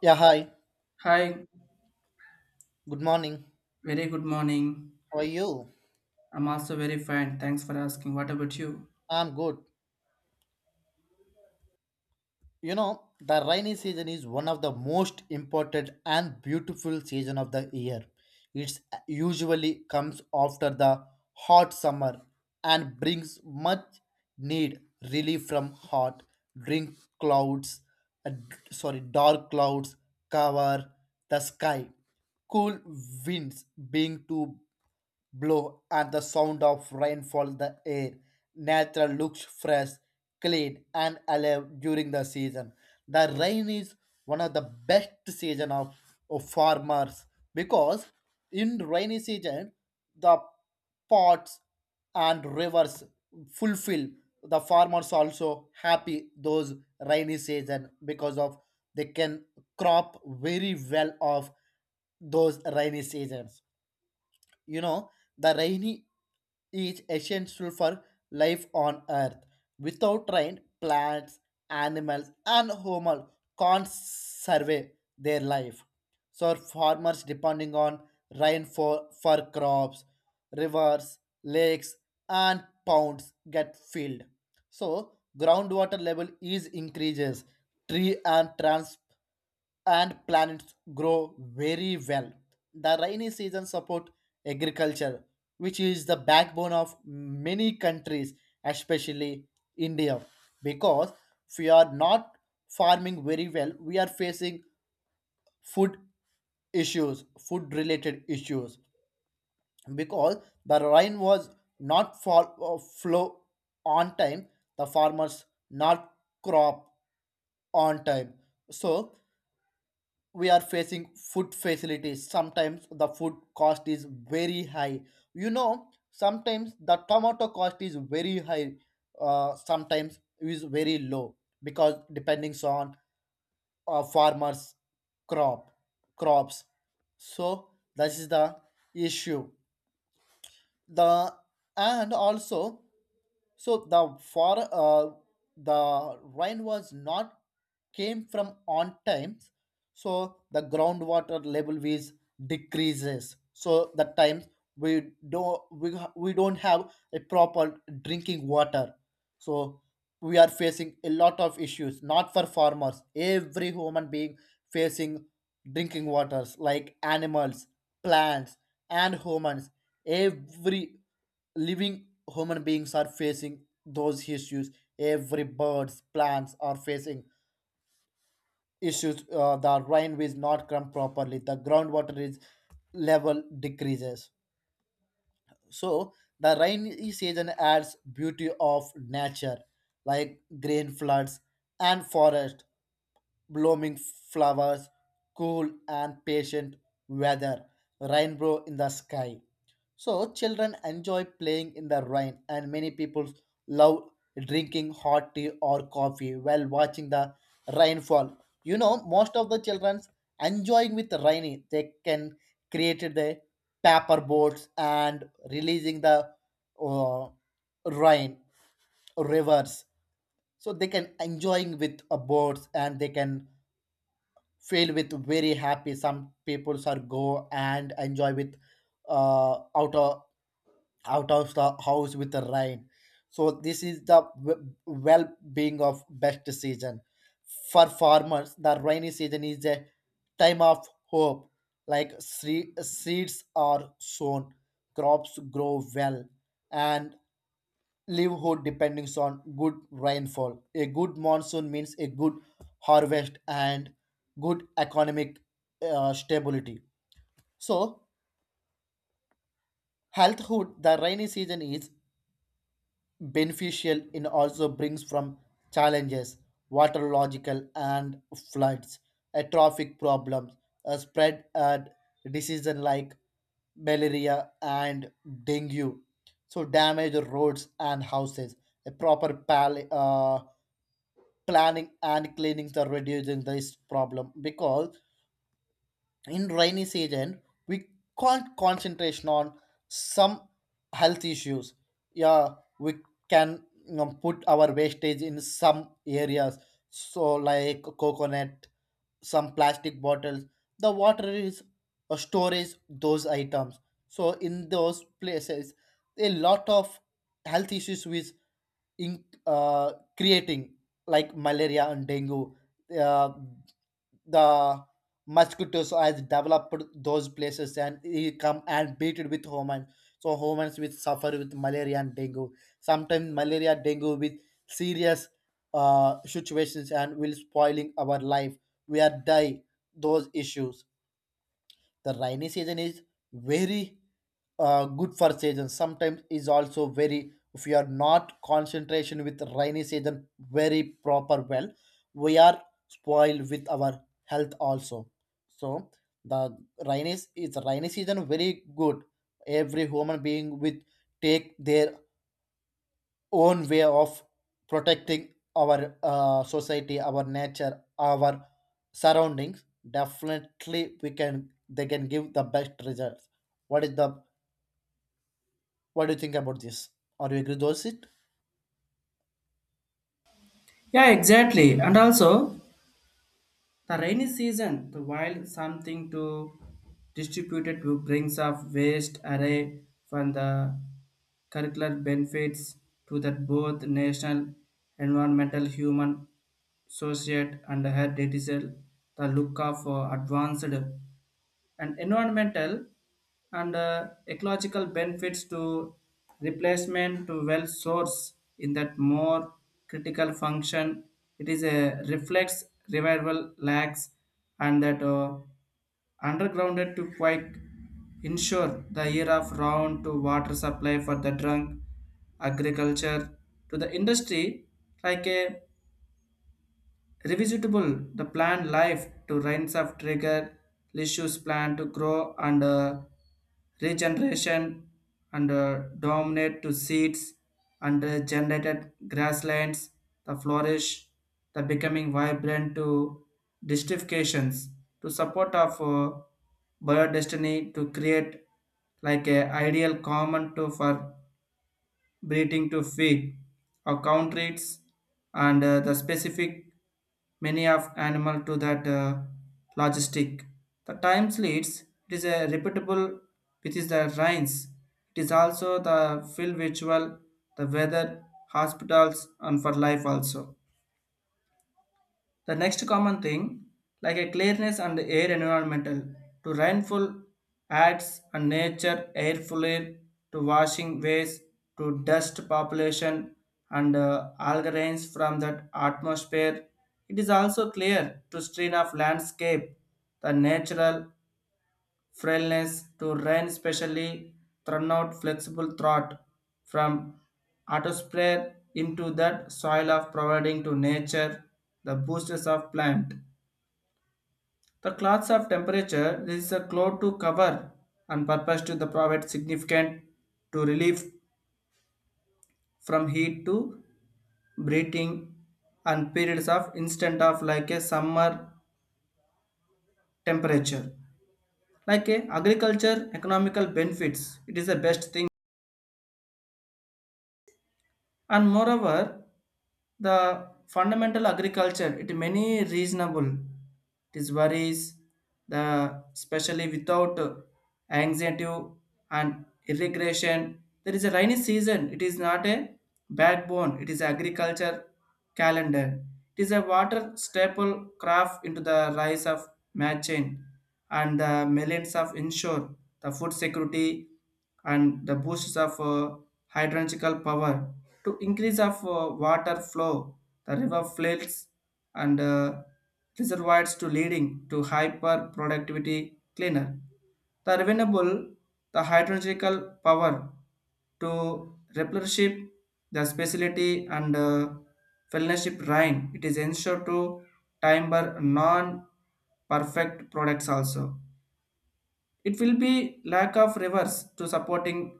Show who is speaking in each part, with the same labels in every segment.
Speaker 1: Yeah, hi.
Speaker 2: Hi,
Speaker 1: Good morning.
Speaker 2: very good morning.
Speaker 1: How are you?
Speaker 2: I'm also very fine. Thanks for asking. What about you?
Speaker 1: I'm good. You know, the rainy season is one of the most important and beautiful season of the year. It usually comes after the hot summer and brings much need relief from hot drink clouds, uh, sorry, dark clouds cover the sky. Cool winds being to. Blow and the sound of rainfall in the air. Nature looks fresh, clean, and alive during the season. The rain is one of the best season of farmers because in rainy season the pots and rivers fulfill, the farmers also happy those rainy season because of they can crop very well of those rainy seasons. You know, the rainy is essential for life on earth. Without rain, plants, animals and humans can't survive their life. So farmers depending on rain for crops, rivers, lakes and ponds get filled, so groundwater level is increases, tree and transport and plants grow very well. The rainy season support agriculture, which is the backbone of many countries, especially India, because if we are not farming very well, we are facing food issues, food related issues, because the rain was not flow on time, the farmers not crop on time. So we are facing food facilities, sometimes the food cost is very high. You know, sometimes the tomato cost is very high, sometimes is very low, because depending on farmers crop crops. So this is the issue. The and also, so the for the rain was not came from on times, so the groundwater level is decreases, so the times we don't have a proper drinking water. So we are facing a lot of issues, not for farmers, every human being facing drinking waters like animals, plants, and humans. Every living human beings are facing those issues. Every birds, plants are facing issues. The rain is not come properly. The groundwater is level decreases. So the rainy season adds beauty of nature, like green floods and forest, blooming flowers, cool and patient weather, rainbow in the sky. So children enjoy playing in the rain, and many people love drinking hot tea or coffee while watching the rainfall. You know, most of the children enjoying with rainy, they can create the paper boats and releasing the uh, rain rivers. So they can enjoying with boats and they can feel with very happy, some peoples are go and enjoy with uh, out of out of the house with the rain. So this is the well-being of best season for farmers. The rainy season is a time of hope, like seeds are sown, crops grow well and livelihood depends on good rainfall. A good monsoon means a good harvest and good economic stability. So, healthhood, the rainy season is beneficial and also brings from challenges, waterological and floods, a traffic problems, a spread and diseases like malaria and dengue. So, damage roads and houses. A proper planning and cleaning the reducing this problem, because in rainy season we can't concentration on some health issues. Yeah, we can, you know, put our wastage in some areas, so like coconut, some plastic bottles, the water is a storage those items. So in those places a lot of health issues with in creating, like malaria and dengue. Uh, the mosquitoes has developed those places and he come and beat it with humans. So humans will suffer with malaria and dengue. Sometimes malaria dengue with serious situations and will spoiling our life. We are die those issues. The rainy season is very good for season, sometimes is also very, if you are not concentration with rainy season very proper well, we are spoiled with our health also. So the it's rainy season very good. Every human being with take their own way of protecting our society, our nature, our surroundings, definitely we can, they can give the best results. What is the What do you think about this? Are you agree with it?
Speaker 2: Yeah, exactly. And also, the rainy season, the wild something to distribute it to brings up waste array from the curricular benefits to that both national, environmental, human, social, and her detail. The look of advanced and environmental and ecological benefits to replacement to well source in that more critical function, it is a reflex revival lags and that undergrounded to quite ensure the year of round to water supply for the drunk agriculture to the industry, like a revisitable the plant life to rains of trigger issues plan to grow and regeneration and dominate to seeds and generated grasslands the flourish the becoming vibrant to distifications to support of biodestiny to create like a ideal common to for breeding to feed account rates and the specific many of animal to that logistic. The time leads it is a repeatable, which is the rains. It is also the field virtual, the weather, hospitals and for life also. The next common thing, like a clearness and air environmental, to rainfall adds and nature air fluid to washing waste to dust population and algae rains from that atmosphere. It is also clear to strain of landscape, the natural frailness to run specially thrown out flexible thought from atmosphere into that soil of providing to nature the boosters of plant. The cloths of temperature, this is a cloth to cover and purpose to the provide significant to relief from heat to breathing and periods of instant of like a summer temperature. Like a agriculture economical benefits, it is the best thing. And moreover, the fundamental agriculture it many reasonable, it is worries, the especially without anxiety and irrigation, there is a rainy season, it is not a backbone, it is agriculture calendar, it is a water staple craft into the rise of matching and the millions of ensure the food security and the boosts of hydrological power to increase of water flow, the river floods and reservoirs to leading to hyper productivity, cleaner, the renewable, the hydrological power to replenish the speciality and fellowship rain, it is ensured to timber non perfect products also. It will be lack of rivers to supporting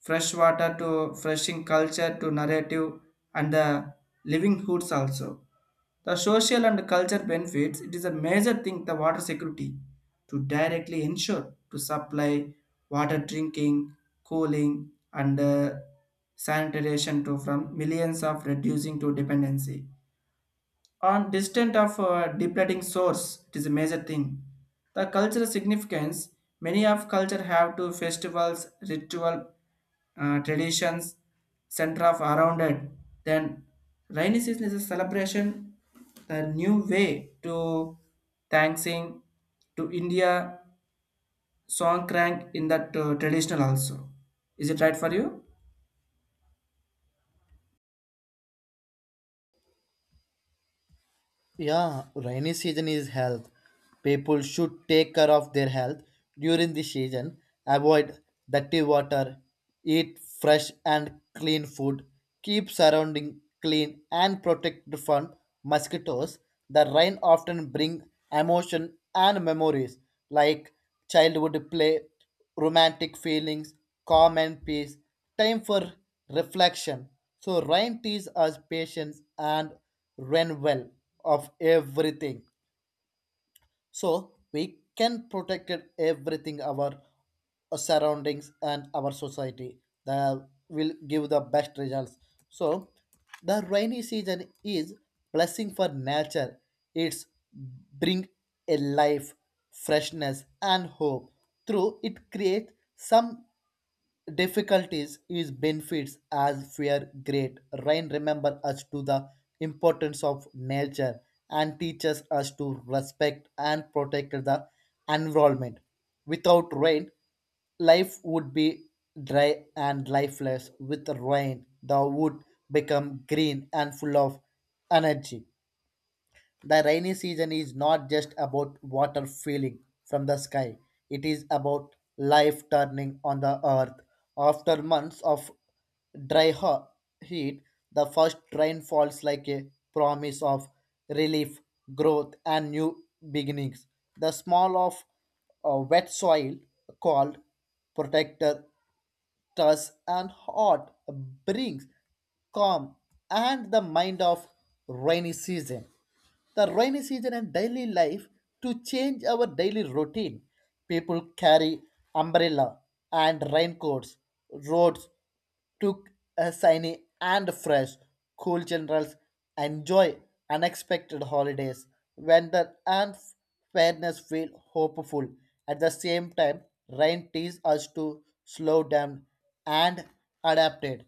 Speaker 2: fresh water to freshing culture to narrative and the living hoods also. The social and culture benefits, it is a major thing, the water security to directly ensure to supply water drinking, cooling and sanitation to from millions of reducing to dependency on distant of depleting source, it is a major thing, the cultural significance, many of culture have to festivals ritual traditions center of around it, then rainy season is a celebration, the new way to thanksing to India song crank in that traditional also. Is it right for you?
Speaker 1: Yeah, rainy season is health. People should take care of their health during the season. Avoid dirty water, eat fresh and clean food, keep surrounding clean and protected from mosquitoes. The rain often bring emotion and memories, like childhood play, romantic feelings, calm and peace, time for reflection. So rain teaches us patience and renewal of everything. So we can protect it, everything our surroundings and our society. That will give the best results. So the rainy season is blessing for nature. It's bring a life, freshness and hope. Through it creates some difficulties, is benefits as fear great. Rain remember us to the importance of nature and teaches us to respect and protect the environment. Without rain, life would be dry and lifeless. With rain, the wood become green and full of energy. The rainy season is not just about water falling from the sky, it is about life turning on the earth. After months of dry ho- heat, the first rain falls like a promise of relief, growth, and new beginnings. The smell of wet soil, called protector, thus, an art brings calm and the mind of rainy season. The rainy season and daily life to change our daily routine. People carry umbrella and raincoats, roads took a shiny and fresh, cool generals enjoy unexpected holidays. Weather and fairness feel hopeful. At the same time, rain teaches us to slow down and adapt it.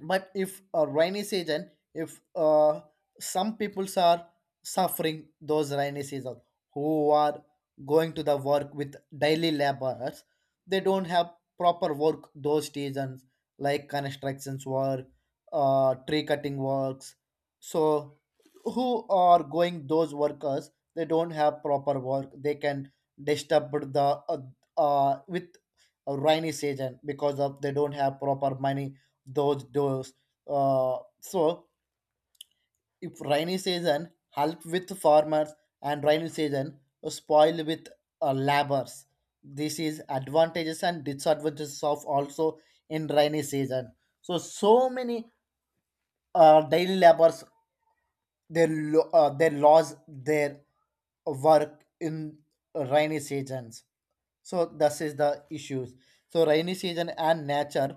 Speaker 1: But if a rainy season, if some peoples are suffering those rainy season, who are going to the work with daily laborers, they don't have proper work those seasons, like constructions work, tree cutting works. So who are going those workers, they don't have proper work, they can disturb the with a rainy season, because of they don't have proper money those doors. So if rainy season help with farmers, and rainy season spoil with labors. This is advantages and disadvantages of also in rainy season. So many daily labors, they lost their work in rainy seasons. So this is the issues. So rainy season and nature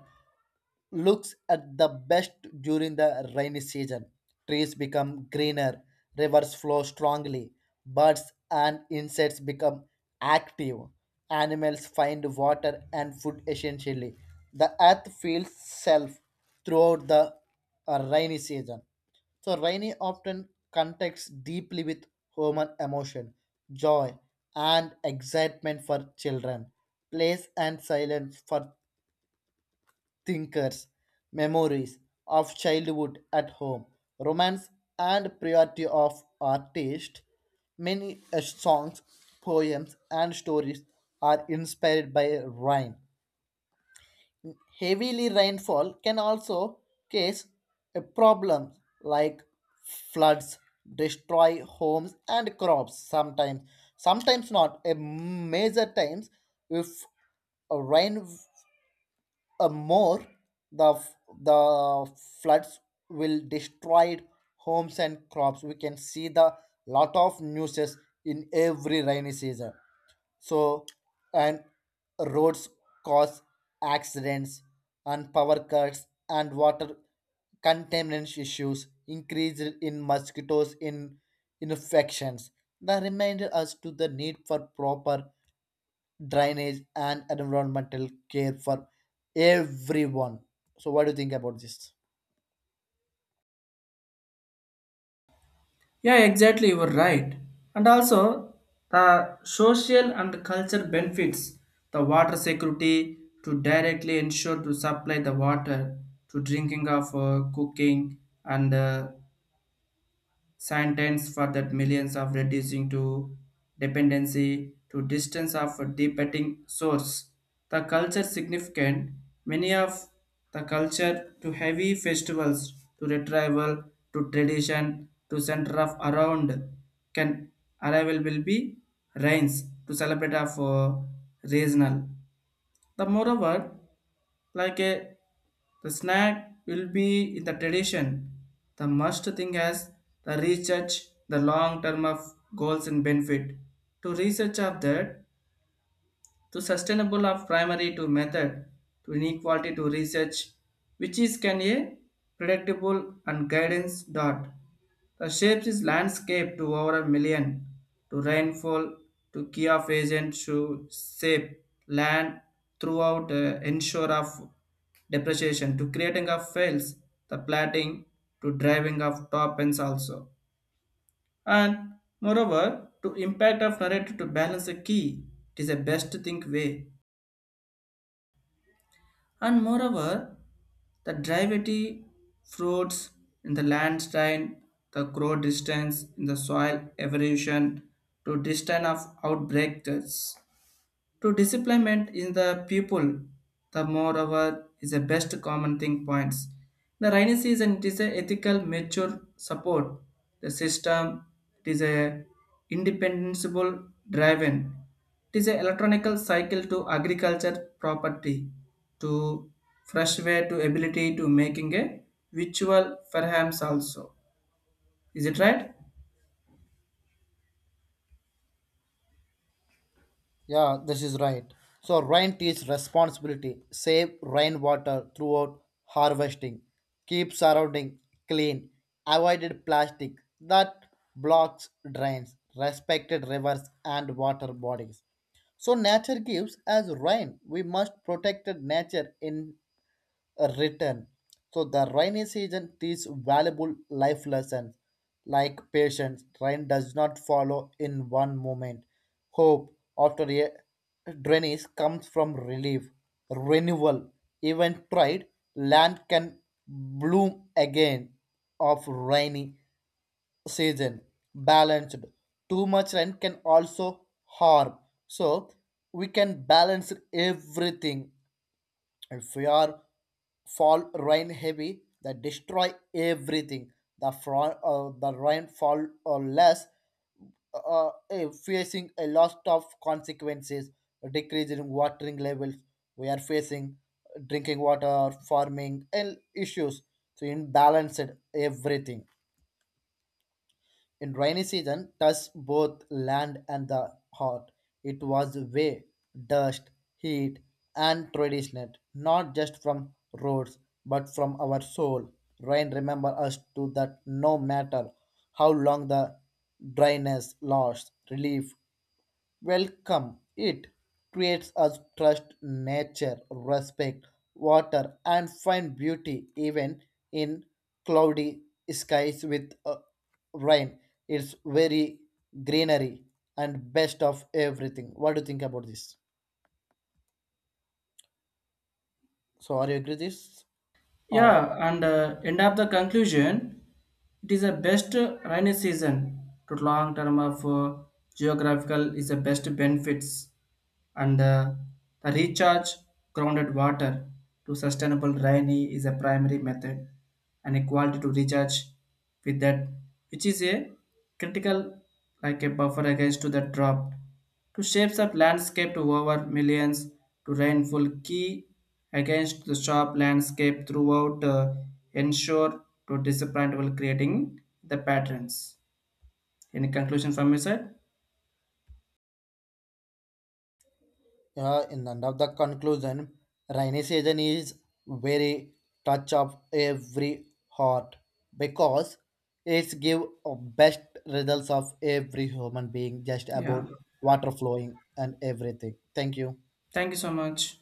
Speaker 1: looks at the best during the rainy season. Trees become greener, rivers flow strongly, birds and insects become active, animals find water and food essentially. The earth feels self throughout the rainy season. So, rainy often connects deeply with human emotion, joy, and excitement for children, place and silence for thinkers, memories of childhood at home, romance and priority of artist. Many songs, poems, and stories are inspired by rain. Heavily rainfall can also cause a problem, like floods, destroy homes and crops sometimes. Sometimes not. A major times, if a rain more, the f- the floods will destroy homes and crops. We can see the lot of newses in every rainy season. So and roads cause accidents and power cuts, and water contaminants issues increase in mosquitoes in infections. That reminded us to the need for proper drainage and environmental care for everyone. So, what do you think about this?
Speaker 2: Yeah, exactly. You were right. And also, the social and culture benefits, the water security to directly ensure to supply the water to drinking of cooking and sentence for that millions of reducing to dependency to distance of a debating source. The culture significant, many of the culture to heavy festivals to retrieval to tradition to center of around, can arrival will be rains to celebrate of regional, the moreover, like a the snack will be in the tradition. The must thing as the research, the long term of goals and benefit. To research of that, to sustainable of primary to method to inequality to research, which is can a predictable and guidance dot the shapes is landscape to over a million to rainfall to key of agent to shape land throughout ensure of depreciation to creating of fails the platting to driving of top ends also. And moreover, to impact of narrative to balance a key, it is a best think way. And moreover, the derivative fruits in the landslide, the grow distance in the soil evolution to distance of outbreakers to disciplement in the pupil, the moreover is the best common thing points. The rainy season, it is a ethical mature support. The system, it is a independable driven. It is a electronical cycle to agriculture property to fresh way to ability to making a virtual perhaps also. Is it right?
Speaker 1: Yeah, this is right. So, rain teach responsibility, save rainwater throughout harvesting, keep surrounding clean, avoided plastic that blocks drains, respected rivers and water bodies. So, nature gives as rain. We must protect nature in written. So the rainy season teaches valuable life lessons, like patience. Rain does not follow in one moment. Hope, after a drainage comes from relief, renewal. Even tried land can bloom again of rainy season. Balanced. Too much rain can also harm. So we can balance everything. If we are fall rain heavy, that destroy everything. The rain fall or less, facing a lot of consequences, a decrease in watering levels. We are facing drinking water, farming, and issues. So imbalanced everything. In rainy season, touched both land and the heart. It was way, dust, heat, and tradition, not just from roads, but from our soul. Rain remember us to that no matter how long the dryness lasts, relief welcome. It creates us trust nature, respect water, and find beauty even in cloudy skies with rain. It's very greenery and best of everything. What do you think about this? So, are you agree with this? Or
Speaker 2: Yeah, and end up the conclusion, it is the best rainy season to long term of geographical is the best benefits and the recharge grounded water to sustainable rainy is a primary method and equality to recharge with that, which is a critical like a buffer against to the drought to shapes up landscape to over millions to rainfall key against the sharp landscape throughout ensure to disappoint while creating the patterns. Any conclusion from your side?
Speaker 1: in the end of the conclusion, rainy season is very touch of every heart, because it give a best results of every human being, just
Speaker 2: Yeah,
Speaker 1: about water flowing and everything. Thank you.
Speaker 2: thank you so much.